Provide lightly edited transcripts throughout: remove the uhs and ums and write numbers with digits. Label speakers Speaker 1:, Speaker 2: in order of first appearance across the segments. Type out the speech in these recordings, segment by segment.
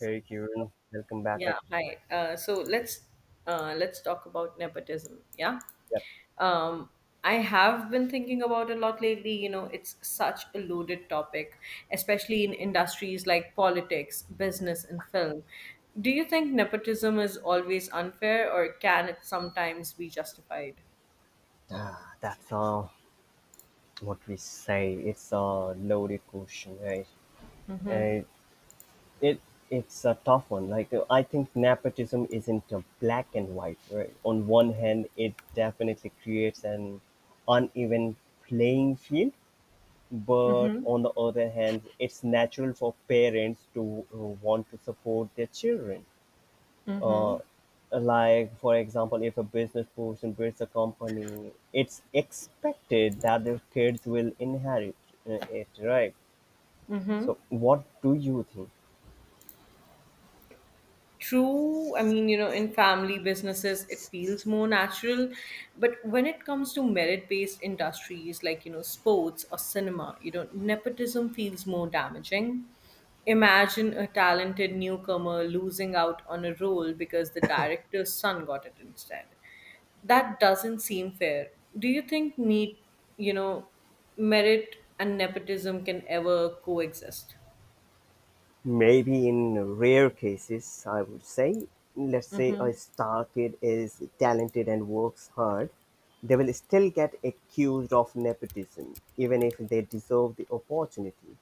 Speaker 1: Hey Kieran, welcome back.
Speaker 2: Yeah, hi. So let's talk about nepotism. Yeah,
Speaker 1: Yep,
Speaker 2: um, I have been thinking about a lot lately. You know, it's such a loaded topic, especially in industries like politics, business, and film. Do you think nepotism is always unfair, or can it sometimes be justified?
Speaker 1: that's what we say. It's a loaded question, right? And it it's a tough one. Like I think nepotism isn't black and white, right? On one hand, it definitely creates an uneven playing field, but on the other hand, it's natural for parents to want to support their children. Uh, like, for example, if a business person builds a company, it's expected that their kids will inherit it, right?
Speaker 2: Mm-hmm.
Speaker 1: So, what do you think?
Speaker 2: True, I mean, you know, in family businesses, it feels more natural. But when it comes to merit based industries like, you know, sports or cinema, you know, nepotism feels more damaging. Imagine a talented newcomer losing out on a role because the director's son got it instead. That doesn't seem fair. Do you think need, you know, merit and nepotism can ever coexist?
Speaker 1: Maybe in rare cases, I would say, let's say
Speaker 2: Mm-hmm.
Speaker 1: a star kid is talented and works hard, they will still get accused of nepotism, even if they deserve the opportunity.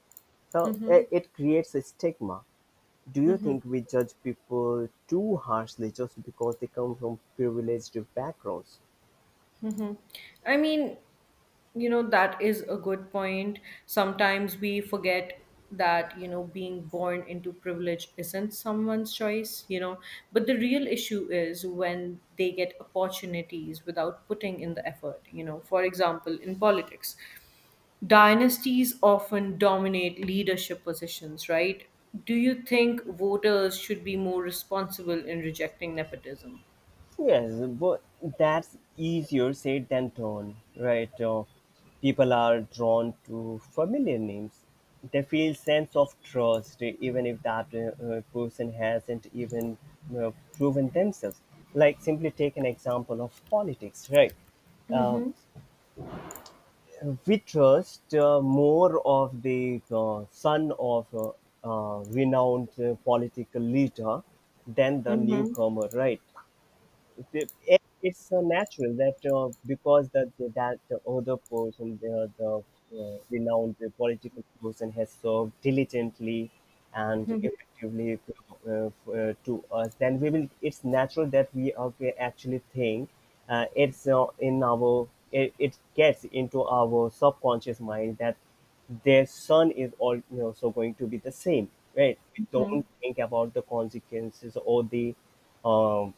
Speaker 1: So,
Speaker 2: Mm-hmm.
Speaker 1: it creates a stigma. Do you think we judge people too harshly just because they come from privileged backgrounds?
Speaker 2: Mm-hmm. I mean, you know, that is a good point. Sometimes we forget that being born into privilege isn't someone's choice, But the real issue is when they get opportunities without putting in the effort. For example, in politics, dynasties often dominate leadership positions, right? Do you think voters should be more responsible in rejecting nepotism?
Speaker 1: Yes, but that's easier said than done, right? People are drawn to familiar names. They feel sense of trust, even if that person hasn't even uh, proven themselves. Like simply take an example of politics, right? Uh, we trust more of the son of a renowned political leader than the
Speaker 2: Mm-hmm.
Speaker 1: newcomer, right? It's so natural that because that the other person, the renowned political person, has served diligently and effectively to us, then we will. It's natural that we are actually think it's in our. It gets into our subconscious mind that their son is all so going to be the same, right? We don't think about the consequences or the um,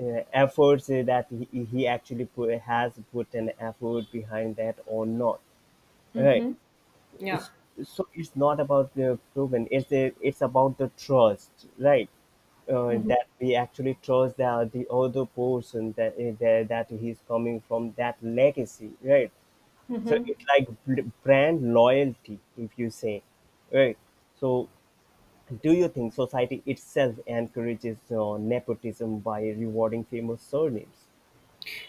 Speaker 1: efforts that he actually put, has put an effort behind that or not, right?
Speaker 2: Yeah.
Speaker 1: It's- so it's not about the proven, it's about the trust, right? That we actually trust the other person, that that he's coming from that legacy, right? So it's like brand loyalty, if you say, right? So do you think society itself encourages nepotism by rewarding famous surnames?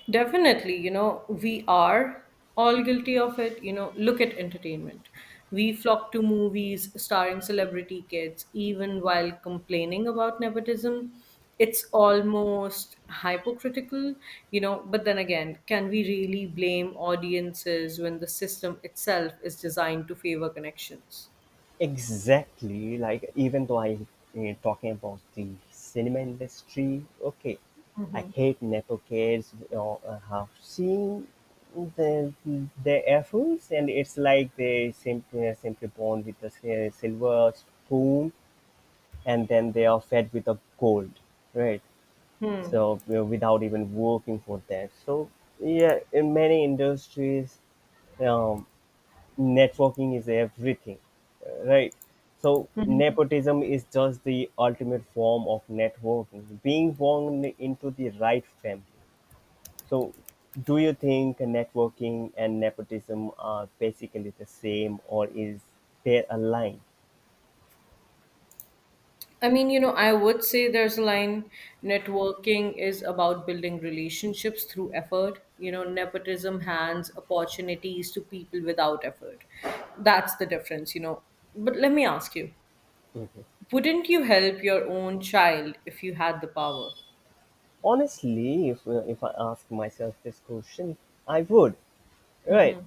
Speaker 2: Definitely, you know, we are all guilty of it. You know, look at entertainment. We flock to movies starring celebrity kids, even while complaining about nepotism. It's almost hypocritical, you know, but then again, can we really blame audiences when the system itself is designed to favor connections?
Speaker 1: Exactly. Like even though I, talking about the cinema industry, okay, I hate nepo kids. You know, I have seen the the efforts, and it's like they simply are simply born with a silver spoon, and then they are fed with a gold, right? So, you know, without even working for that. So yeah, in many industries, um, networking is everything, right? So nepotism is just the ultimate form of networking, being born into the right family. So do you think networking and nepotism are basically the same, or is there a line?
Speaker 2: I mean, you know, I would say there's a line networking is about building relationships through effort. You know, nepotism hands opportunities to people without effort. That's the difference, But let me ask you wouldn't you help your own child if you had the power?
Speaker 1: Honestly, if I ask myself this question, I would. Right.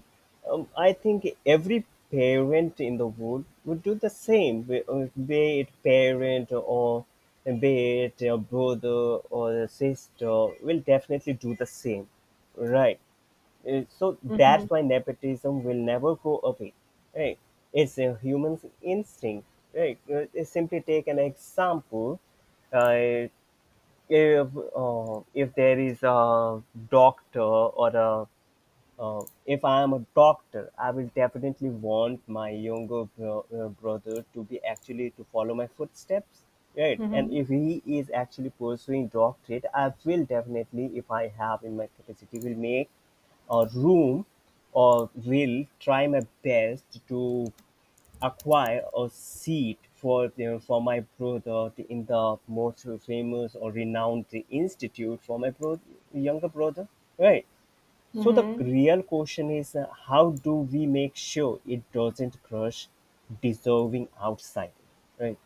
Speaker 1: I think every parent in the world would do the same, be it parent or be it a brother or a sister, will definitely do the same. Right. So that's why nepotism will never go away. Right. It's a human instinct. Right. Simply take an example, uh, if if there is a doctor or a, if I am a doctor, I will definitely want my younger brother to be actually to follow my footsteps, right? And if he is actually pursuing doctorate, I will definitely, if I have in my capacity, will make a room or will try my best to acquire a seat for for my brother in the most famous or renowned institute for my younger brother, right? So the
Speaker 2: Mm-hmm.
Speaker 1: real question is, how do we make sure it doesn't crush dissolving outside, right?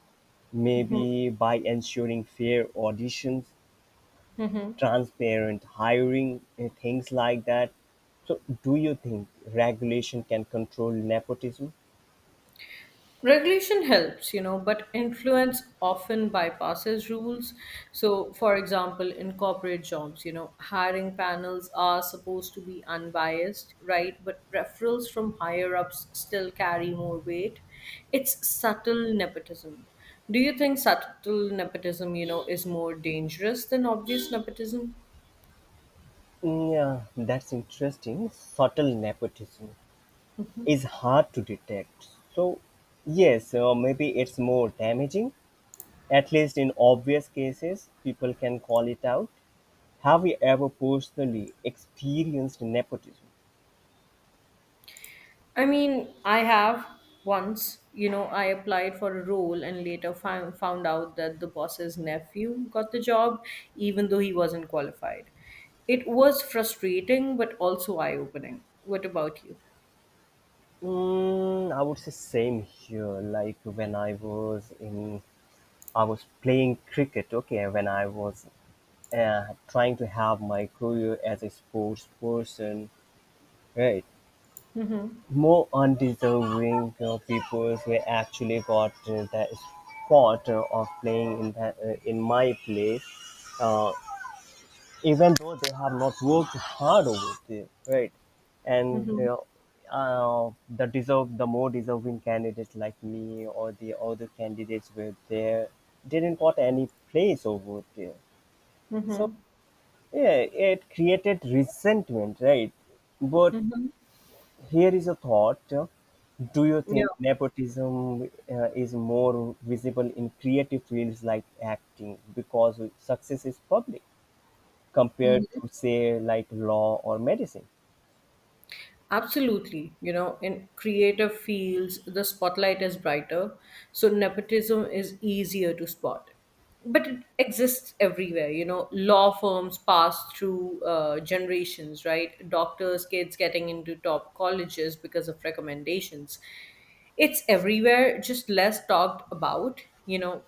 Speaker 1: Maybe by ensuring fair auditions, transparent hiring, and things like that. So do you think regulation can control nepotism?
Speaker 2: Regulation helps, you know, but influence often bypasses rules. So, for example, in corporate jobs, you know, hiring panels are supposed to be unbiased, right? But referrals from higher ups still carry more weight. It's subtle nepotism. Do you think subtle nepotism, you know, is more dangerous than obvious nepotism?
Speaker 1: Mm, yeah, that's interesting. Subtle nepotism is hard to detect. So, yes, maybe it's more damaging. At least in obvious cases, people can call it out. Have you ever personally experienced nepotism?
Speaker 2: I mean, I have once, you know, I applied for a role and later found out that the boss's nephew got the job, even though he wasn't qualified. It was frustrating, but also eye opening. What about you?
Speaker 1: I would say same here. Like when I was in, I was playing cricket. Okay, when I was trying to have my career as a sports person, right?
Speaker 2: Mm-hmm.
Speaker 1: More undeserving people were actually got the spot of playing in my place. Uh, Even though they have not worked hard over there, right? And
Speaker 2: Mm-hmm.
Speaker 1: they, the deserve the more deserving candidates like me, or the other candidates were there, didn't got any place over there. So
Speaker 2: Mm-hmm.
Speaker 1: yeah, it created resentment, right? But
Speaker 2: Mm-hmm.
Speaker 1: here is a thought: Do you
Speaker 2: Yeah.
Speaker 1: think nepotism is more visible in creative fields like acting because success is public, compared to say like law or medicine?
Speaker 2: Absolutely. You know, in creative fields, the spotlight is brighter, so nepotism is easier to spot. But it exists everywhere. You know, law firms pass through generations, right? Doctors, kids getting into top colleges because of recommendations. It's everywhere, just less talked about. You know,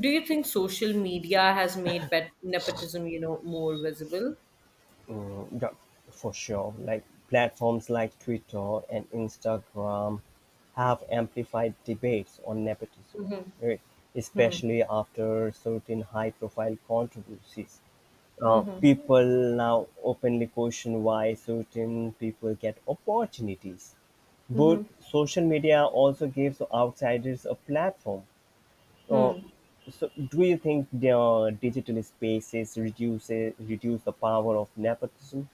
Speaker 2: do you think social media has made pet nepotism, you know, more visible?
Speaker 1: Mm, yeah, for sure. Like platforms like Twitter and Instagram have amplified debates on nepotism, right? Especially after certain high profile controversies, people now openly question why certain people get opportunities, but social media also gives outsiders a platform. Uh, so do you think the digital spaces reduce the power of nepotism?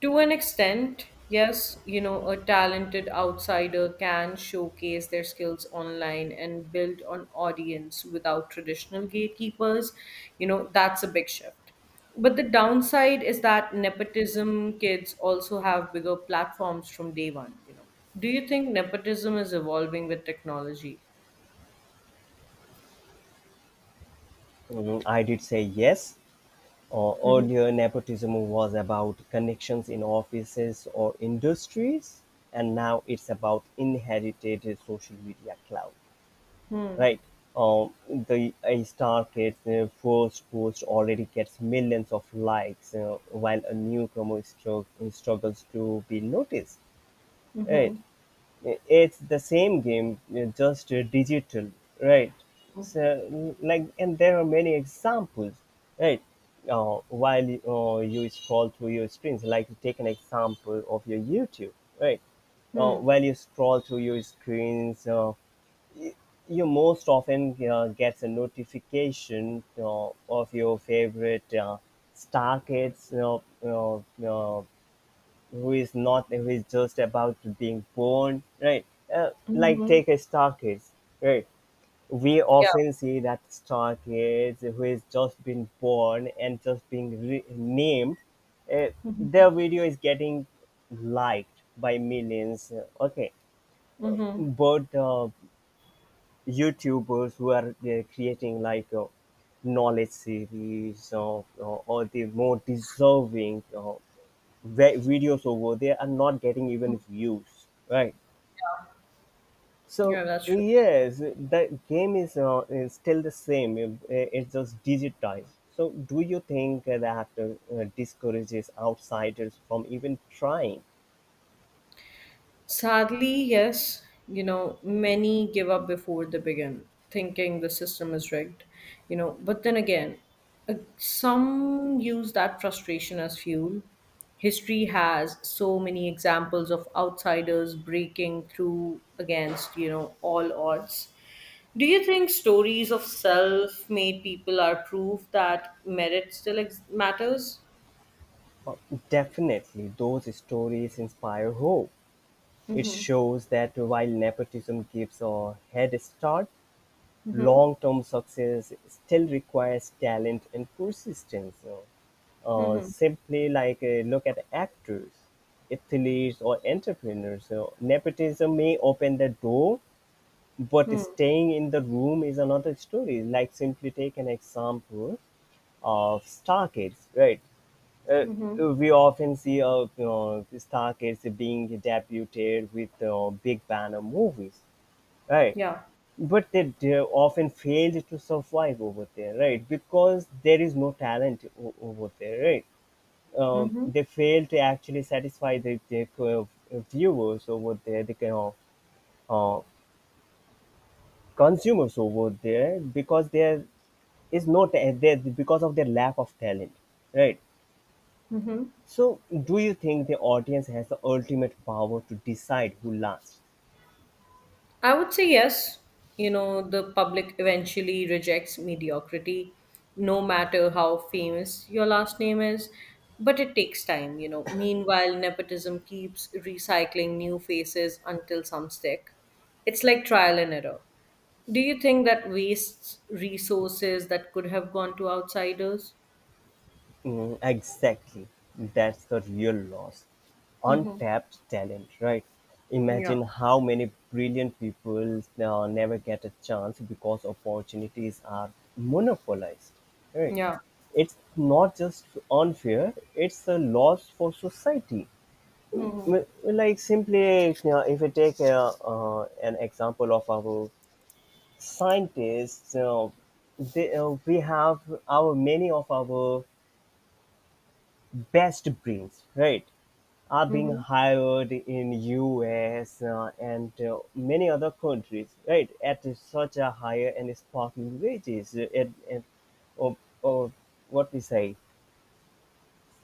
Speaker 2: To an extent, yes, you know, a talented outsider can showcase their skills online and build an audience without traditional gatekeepers. You know, that's a big shift. But the downside is that nepotism kids also have bigger platforms from day one. Do you think nepotism is evolving with technology?
Speaker 1: I did say yes.
Speaker 2: Hmm.
Speaker 1: Earlier, nepotism was about connections in offices or industries, and now it's about inherited social media cloud,
Speaker 2: Hmm.
Speaker 1: right? The A star kid's first post already gets millions of likes, while a newcomer struggles to be noticed. Right.
Speaker 2: Hmm.
Speaker 1: It's the same game, just digital, right? So like, and there are many examples, right? While you scroll through your screens, like take an example of your YouTube, right? uh,
Speaker 2: Hmm.
Speaker 1: while you scroll through your screens, y- you most often gets a notification of your favorite star kids, who is not who is just about to being born, right? Like
Speaker 2: Hmm.
Speaker 1: take a star kids, right? We
Speaker 2: Yeah.
Speaker 1: often see that star kids who is just been born and just being named, uh, their video is getting liked by millions. Okay,
Speaker 2: Hmm.
Speaker 1: but YouTubers who are creating like knowledge series, or the more deserving videos over there are not getting even views, right? So
Speaker 2: Yeah, that's true.
Speaker 1: yes, the game is still the same. It's just digitized. So do you think that discourages outsiders from even trying?
Speaker 2: Sadly, yes, you know, many give up before they begin, thinking the system is rigged, But then again, some use that frustration as fuel. History has so many examples of outsiders breaking through against, you know, all odds. Do you think stories of self made people are proof that merit still ex- matters?
Speaker 1: Uh, Definitely, those stories inspire hope. It shows that while nepotism gives a head start,
Speaker 2: Mm-hmm.
Speaker 1: long-term success still requires talent and persistence, you know.
Speaker 2: Mm-hmm.
Speaker 1: Simply like, look at actors, athletes, or entrepreneurs. So nepotism may open the door, but staying in the room is another story. Like simply take an example of star kids, right? Uh,
Speaker 2: Mm-hmm.
Speaker 1: we often see, star kids being debuted with big banner movies. Right.
Speaker 2: Yeah.
Speaker 1: But they often failed to survive over there, right? Because there is no talent over there, right?
Speaker 2: Mm-hmm.
Speaker 1: They fail to actually satisfy the viewers over there, the kind of uh, consumers over there, because there is no there because of their lack of talent, right? So, do you think the audience has the ultimate power to decide who lasts?
Speaker 2: I would say yes. You know, the public eventually rejects mediocrity, no matter how famous your last name is. But it takes time, Meanwhile, nepotism keeps recycling new faces until some stick. It's like trial and error. Do you think that wastes resources that could have gone to outsiders?
Speaker 1: Mm, exactly. That's the real loss.
Speaker 2: Mm-hmm.
Speaker 1: Untapped talent, right?
Speaker 2: Yeah.
Speaker 1: Imagine how many brilliant people never get a chance because opportunities are monopolized, right?
Speaker 2: Yeah.
Speaker 1: It's not just unfair, it's a loss for society.
Speaker 2: Mm-hmm.
Speaker 1: Like, simply, you know, if we take an example of our scientists, you know, we have our many of our best brains, right, are being
Speaker 2: Mm-hmm.
Speaker 1: hired in US and many other countries, right, at such a higher and sparkling wages and or what we say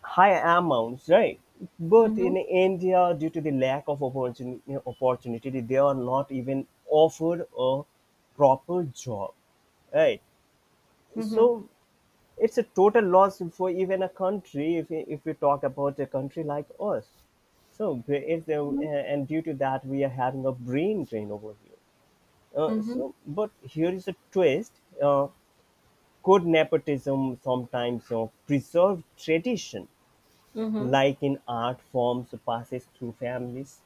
Speaker 1: higher amounts, right? But
Speaker 2: Mm-hmm.
Speaker 1: in India, due to the lack of opportunity, they are not even offered a proper job, right?
Speaker 2: Mm-hmm.
Speaker 1: So it's a total loss for even a country if we talk about a country like us. So, if there, and due to that, we are having a brain drain over here. Uh,
Speaker 2: Mm-hmm.
Speaker 1: so, but here is a twist: uh, could nepotism sometimes preserve tradition,
Speaker 2: Mm-hmm.
Speaker 1: like in art forms, passes through families?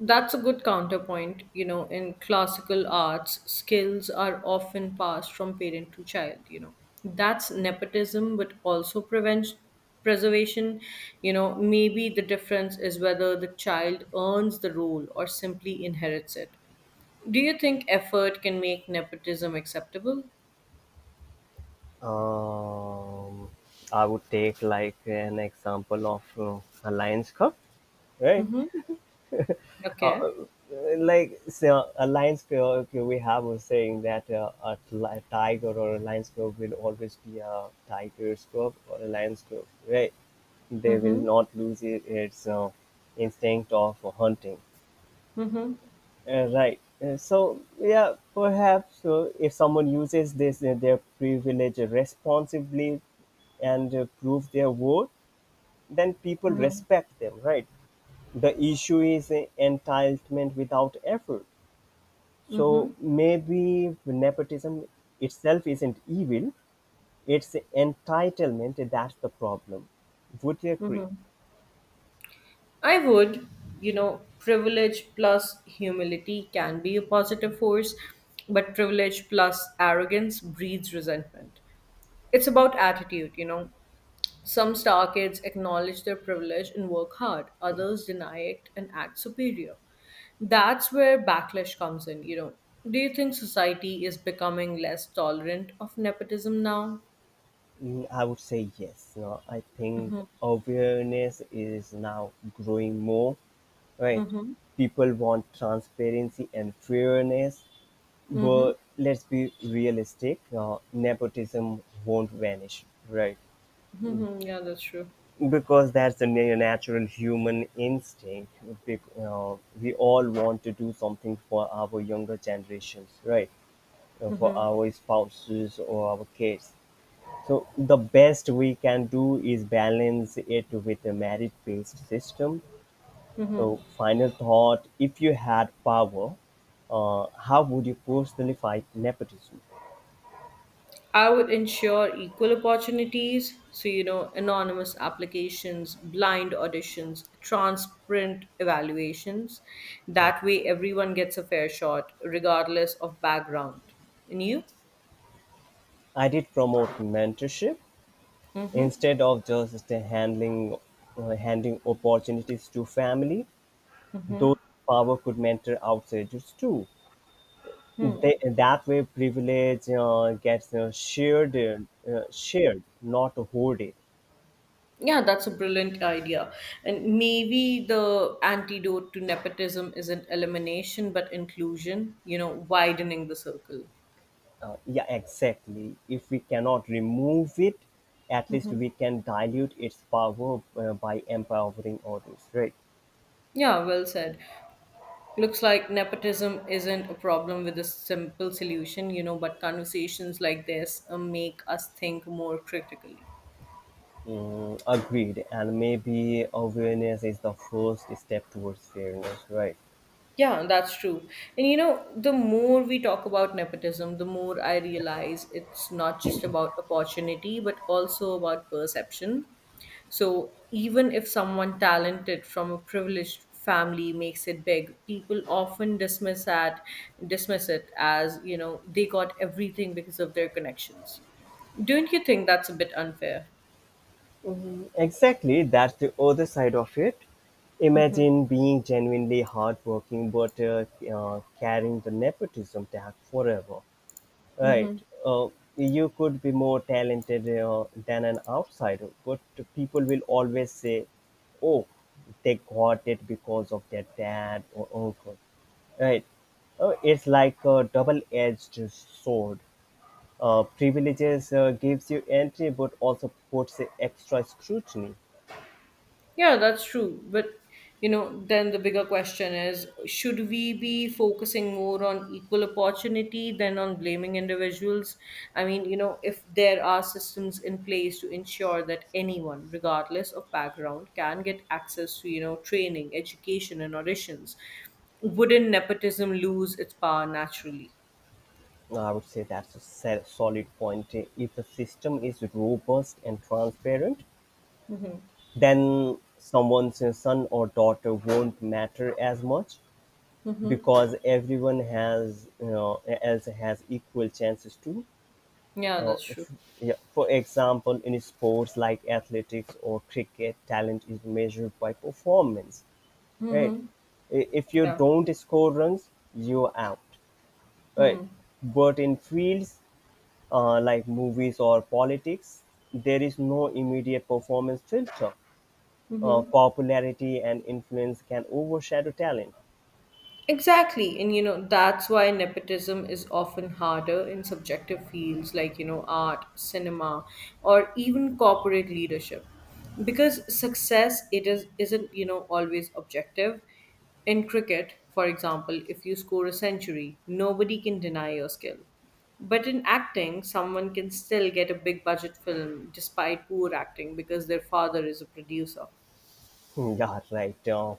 Speaker 2: That's a good counterpoint. You know, in classical arts, skills are often passed from parent to child. That's nepotism, but also prevents preservation. You know, maybe the difference is whether the child earns the role or simply inherits it. Do you think effort can make nepotism acceptable?
Speaker 1: Um, I would take like an example of a Lions Cup, right?
Speaker 2: Mm-hmm. Okay.
Speaker 1: uh, like, so a lion's pair, okay, we have a saying that a tiger or a lion's cub will always be a tiger's cub or a lion's cub, right? They will
Speaker 2: Mm-hmm.
Speaker 1: not lose it, its instinct of hunting.
Speaker 2: Mm-hmm.
Speaker 1: Right. So yeah, perhaps if someone uses this their privilege responsibly and prove their worth, then people
Speaker 2: Mm-hmm.
Speaker 1: respect them, right? The issue is entitlement without effort.
Speaker 2: Mm-hmm.
Speaker 1: So maybe nepotism itself isn't evil; it's entitlement that's the problem. Would you agree?
Speaker 2: Mm-hmm. I would, you know, privilege plus humility can be a positive force, but privilege plus arrogance breeds resentment. It's about attitude, Some star kids acknowledge their privilege and work hard, others deny it and act superior. That's where backlash comes in. Do you think society is becoming less tolerant of nepotism now?
Speaker 1: Mm, I would say yes. No, I think awareness is now growing more. Right,
Speaker 2: Mm-hmm.
Speaker 1: people want transparency and fairness,
Speaker 2: Mm-hmm.
Speaker 1: but let's be realistic. Nepotism won't vanish. Right.
Speaker 2: Mm-hmm. Yeah, that's true.
Speaker 1: Because that's a natural human instinct. We all want to do something for our younger generations, right? For our spouses or our kids. So the best we can do is balance it with a merit-based system. So final thought: if you had power, how would you personally fight nepotism?
Speaker 2: I would ensure equal opportunities. So, you know, anonymous applications, blind auditions, transparent evaluations. That way, everyone gets a fair shot, regardless of background. And you?
Speaker 1: I did promote mentorship
Speaker 2: Mm-hmm.
Speaker 1: instead of just handling handing opportunities to family,
Speaker 2: Mm-hmm.
Speaker 1: those power could mentor outsiders too.
Speaker 2: Hmm.
Speaker 1: That way, privilege gets shared, not hoarded.
Speaker 2: Yeah, that's a brilliant idea. And maybe the antidote to nepotism isn't elimination, but inclusion, you know, widening the circle.
Speaker 1: Yeah, exactly. If we cannot remove it, at least
Speaker 2: Hmm.
Speaker 1: we can dilute its power by empowering others, right?
Speaker 2: Yeah, well said. Looks like nepotism isn't a problem with a simple solution, you know, but conversations like this make us think more critically.
Speaker 1: Agreed. And maybe awareness is the first step towards fairness, right?
Speaker 2: Yeah, that's true. And you know, the more we talk about nepotism, the more I realize it's not just about opportunity, but also about perception. So even if someone talented from a privileged family makes it big, people often dismiss that dismiss it as, you know, they got everything because of their connections. Don't you think that's a bit unfair?
Speaker 1: Exactly, that's the other side of it.
Speaker 2: Mm-hmm.
Speaker 1: Imagine being genuinely hardworking but carrying the nepotism tag forever. Right.
Speaker 2: Mm-hmm.
Speaker 1: Uh, you could be more talented than an outsider, but people will always say, oh, they got it because of their dad or uncle. Right. It's like a double-edged sword. Privileges gives you entry, but also puts extra scrutiny.
Speaker 2: Yeah, that's true. But you know, then the bigger question is, should we be focusing more on equal opportunity than on blaming individuals? I mean, you know, if there are systems in place to ensure that anyone, regardless of background, can get access to, you know, training, education, and auditions, wouldn't nepotism lose its power naturally?
Speaker 1: No, I would say that's a solid point. If the system is robust and transparent, then someone's son or daughter won't matter as much because everyone has you know else has equal chances to.
Speaker 2: Yeah,
Speaker 1: Uh,
Speaker 2: that's true.
Speaker 1: f- yeah, for example, in sports like athletics or cricket, talent is measured by performance, right? If you
Speaker 2: Yeah.
Speaker 1: don't score runs, you're out, right? But in fields, like movies or politics, there is no immediate performance filter.
Speaker 2: Mm-hmm.
Speaker 1: Popularity and influence can overshadow talent.
Speaker 2: Exactly. And you know, that's why nepotism is often harder in subjective fields like, you know, art, cinema, or even corporate leadership. Because success it is isn't, you know, always objective. In cricket, for example, if you score a century, nobody can deny your skill. But in acting, someone can still get a big budget film despite poor acting because their father is a producer.
Speaker 1: Yeah, right. Uh,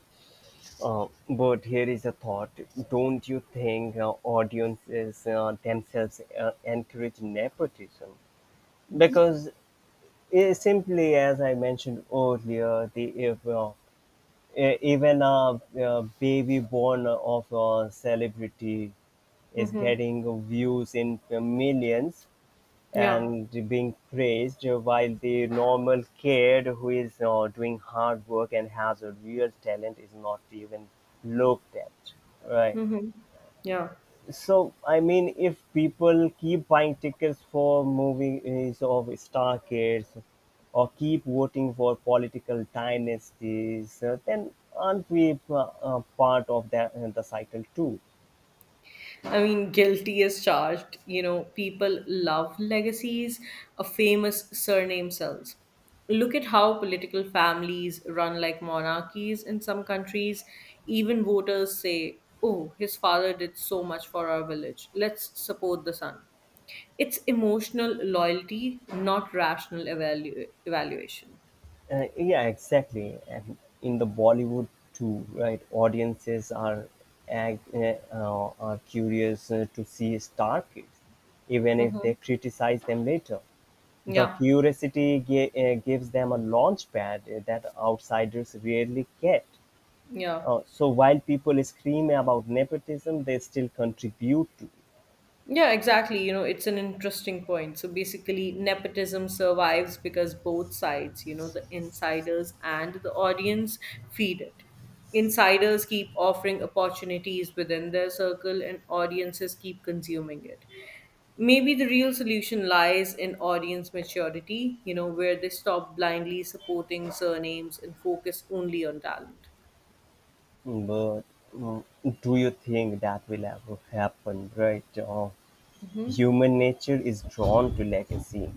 Speaker 1: uh, But here is a thought. Don't you think audiences themselves encourage nepotism? Because I simply, as I mentioned earlier, the if, e- even a baby born of a celebrity is
Speaker 2: Mm-hmm.
Speaker 1: getting views in millions
Speaker 2: Yeah.
Speaker 1: and being praised while the normal kid who is doing hard work and has a real talent is not even looked at, right?
Speaker 2: Mm-hmm. Yeah.
Speaker 1: So I mean, if people keep buying tickets for movies of star kids or keep voting for political dynasties, then aren't we part of that the cycle too?
Speaker 2: I mean, guilty as charged. You know, people love legacies of famous surname cells. Look at how political families run like monarchies in some countries. Even voters say, oh, his father did so much for our village. Let's support the son. It's emotional loyalty, not rational evaluation.
Speaker 1: Yeah, exactly. And in the Bollywood too, right? Audiences are are curious to see star kids, even if
Speaker 2: Hmm.
Speaker 1: they criticize them later. The
Speaker 2: Yeah,
Speaker 1: curiosity gives them a launch pad that outsiders rarely get.
Speaker 2: yeah.
Speaker 1: So while people scream about nepotism, they still contribute to it.
Speaker 2: Yeah, exactly. You know, it's an interesting point. So basically, nepotism survives because both sides, you know, the insiders and the audience feed it. Insiders keep offering opportunities within their circle, and audiences keep consuming it. Maybe the real solution lies in audience maturity, you know, where they stop blindly supporting surnames and focus only on talent.
Speaker 1: But mm, do you think that will ever happen, right? Human nature is drawn to legacy.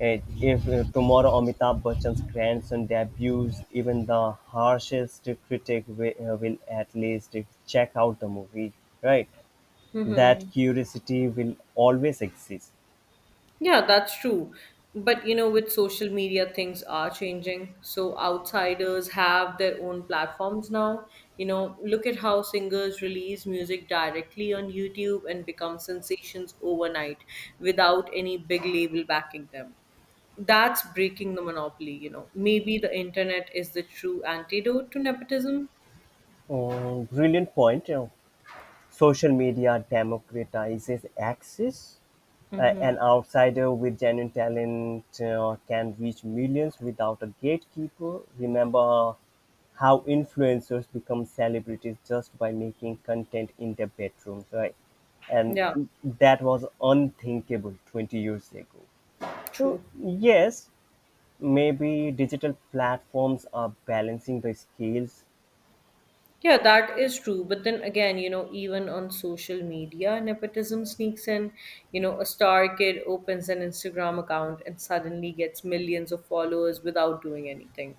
Speaker 1: And if tomorrow Amitabh Bachchan's grandson debuts, even the harshest critic will at least check out the movie, right? That curiosity will always exist.
Speaker 2: Yeah, that's true. But you know, with social media, things are changing. So outsiders have their own platforms now. You know, look at how singers release music directly on YouTube and become sensations overnight without any big label backing them. That's breaking the monopoly, Maybe the internet is the true antidote to nepotism.
Speaker 1: Brilliant point. Social media democratizes access.
Speaker 2: Mm-hmm.
Speaker 1: An outsider with genuine talent can reach millions without a gatekeeper. Remember how influencers become celebrities just by making content in their bedrooms, right? And
Speaker 2: Yeah,
Speaker 1: that was unthinkable 20 years ago. So,
Speaker 2: true.
Speaker 1: yes, maybe digital platforms are balancing the scales.
Speaker 2: Yeah, that is true. But then again, you know, even on social media, nepotism sneaks in. You know, a star kid opens an Instagram account and suddenly gets millions of followers without doing anything.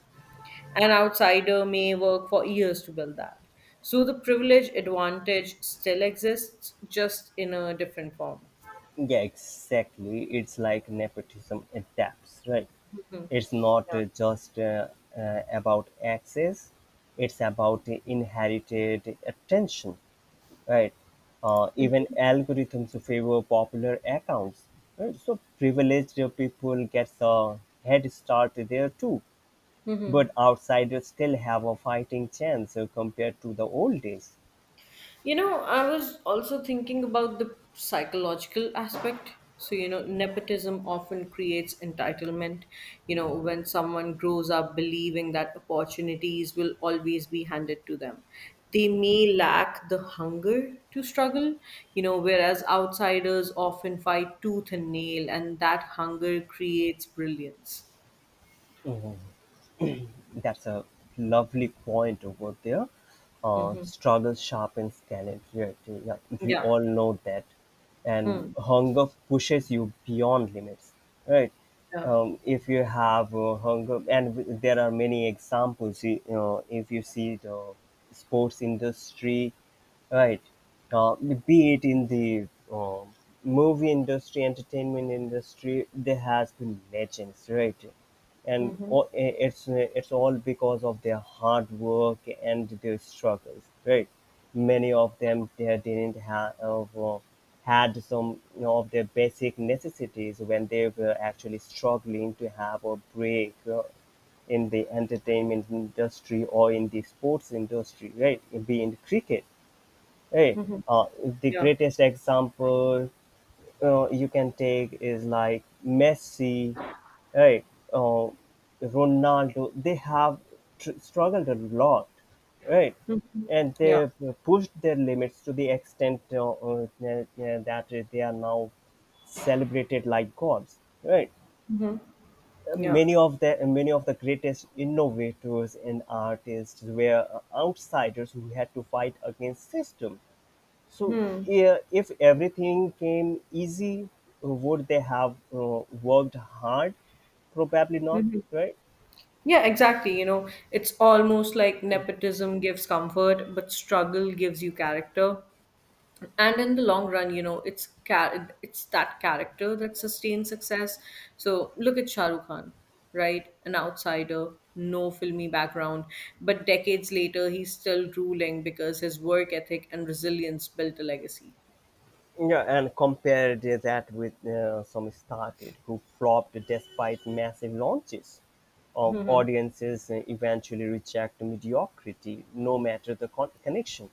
Speaker 2: An outsider may work for years to build that. So the privilege advantage still exists, just in a different form.
Speaker 1: Yeah, exactly. It's like nepotism adapts, right?
Speaker 2: Hmm.
Speaker 1: It's not
Speaker 2: Yeah.
Speaker 1: uh, just uh, uh, about access, it's about the inherited attention, right? Even algorithms favor popular accounts. Right? So privileged people get a head start there too,
Speaker 2: Mhm.
Speaker 1: but outsiders still have a fighting chance compared to the old days.
Speaker 2: You know, I was also thinking about the psychological aspect. So, you know, nepotism often creates entitlement. You know, when someone grows up believing that opportunities will always be handed to them, they may lack the hunger to struggle, you know, whereas outsiders often fight tooth and nail, and that hunger creates brilliance.
Speaker 1: That's a lovely point over there.
Speaker 2: Mm-hmm.
Speaker 1: Struggle sharpens talent. Yeah, yeah, we
Speaker 2: Yeah.
Speaker 1: all know that. And
Speaker 2: Hmm.
Speaker 1: hunger pushes you beyond limits, right?
Speaker 2: Yeah.
Speaker 1: If you have hunger, and there are many examples. You know, if you see the sports industry, right? Be it in the movie industry, entertainment industry, there has been legends, right? And
Speaker 2: Mm-hmm.
Speaker 1: it's all because of their hard work and their struggles, right? Many of them, they didn't have, had some, you know, of their basic necessities when they were actually struggling to have a break in the entertainment industry or in the sports industry, right? Be in cricket, right?
Speaker 2: Mm-hmm.
Speaker 1: uh, the
Speaker 2: Yeah.
Speaker 1: greatest example you can take is like Messi, right? Uh, Ronaldo. They have struggled a lot, right? And
Speaker 2: Yeah.
Speaker 1: they've pushed their limits to the extent that they are now celebrated like gods, right?
Speaker 2: Yeah.
Speaker 1: Many of the greatest innovators and artists were outsiders who had to fight against system. So, yeah, if everything came easy, would they have worked hard? Probably not,
Speaker 2: Mm-hmm.
Speaker 1: right?
Speaker 2: Yeah, exactly. You know, it's almost like nepotism gives comfort, but struggle gives you character. And in the long run, you know, it's it's that character that sustains success. So look at Shah Rukh Khan, right? An outsider, no filmy background, but decades later, he's still ruling because his work ethic and resilience built a legacy.
Speaker 1: Yeah, and compare that with some started who flopped despite massive launches. Of audiences eventually reject mediocrity, no matter the connections.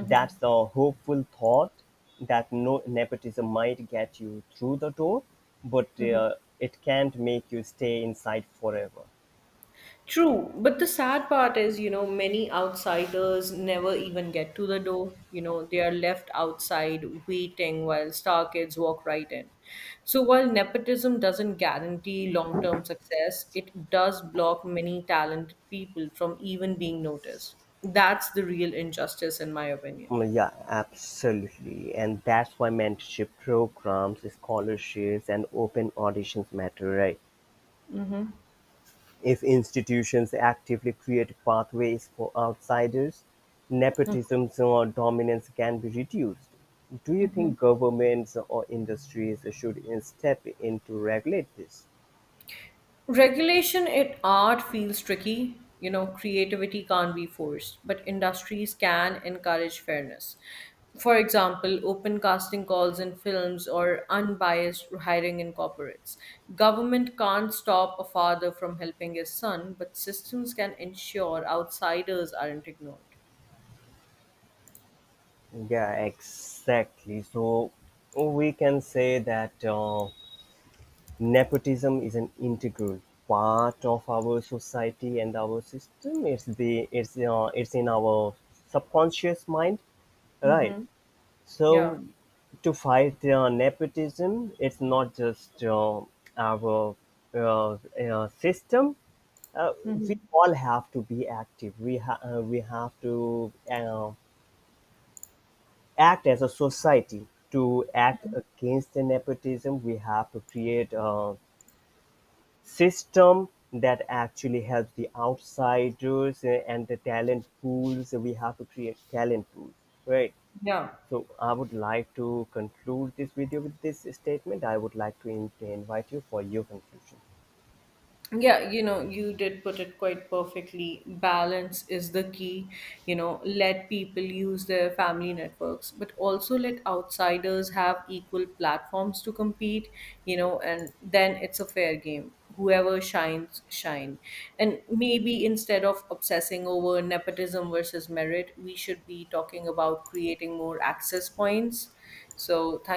Speaker 1: That's the hopeful thought that no nepotism might get you through the door, but it can't make you stay inside forever.
Speaker 2: True, but the sad part is, you know, many outsiders never even get to the door. You know, they are left outside waiting while star kids walk right in. So while nepotism doesn't guarantee long-term success, it does block many talented people from even being noticed. That's the real injustice, in my opinion.
Speaker 1: Well, yeah, absolutely. And that's why mentorship programs, scholarships, and open auditions matter, right?
Speaker 2: Mm-hmm.
Speaker 1: If institutions actively create pathways for outsiders, nepotism or dominance can be reduced. Do you think governments or industries should step in to regulate this?
Speaker 2: Regulation in art feels tricky. You know, creativity can't be forced, but industries can encourage fairness. For example, open casting calls in films or unbiased hiring in corporates. Government can't stop a father from helping his son, but systems can ensure outsiders aren't ignored.
Speaker 1: Yeah, exactly. So we can say that. Nepotism is an integral part of our society and our system. It's the it's in our subconscious mind, right?
Speaker 2: Hmm.
Speaker 1: So
Speaker 2: Yeah.
Speaker 1: to fight nepotism, it's not just our system. uh, we
Speaker 2: Hmm.
Speaker 1: all have to be active. We have to act as a society to act against the nepotism. We have to create system that actually helps the outsiders and the talent pools. We have to create talent pools, right?
Speaker 2: Yeah.
Speaker 1: So I would like to conclude this video with this statement. I would like to invite you for your conclusion.
Speaker 2: Yeah, you know, you did put it quite perfectly. Balance is the key. You know, let people use their family networks, but also let outsiders have equal platforms to compete, you know, and then it's a fair game. Whoever shines, shine. And maybe instead of obsessing over nepotism versus merit, we should be talking about creating more access points. So, thank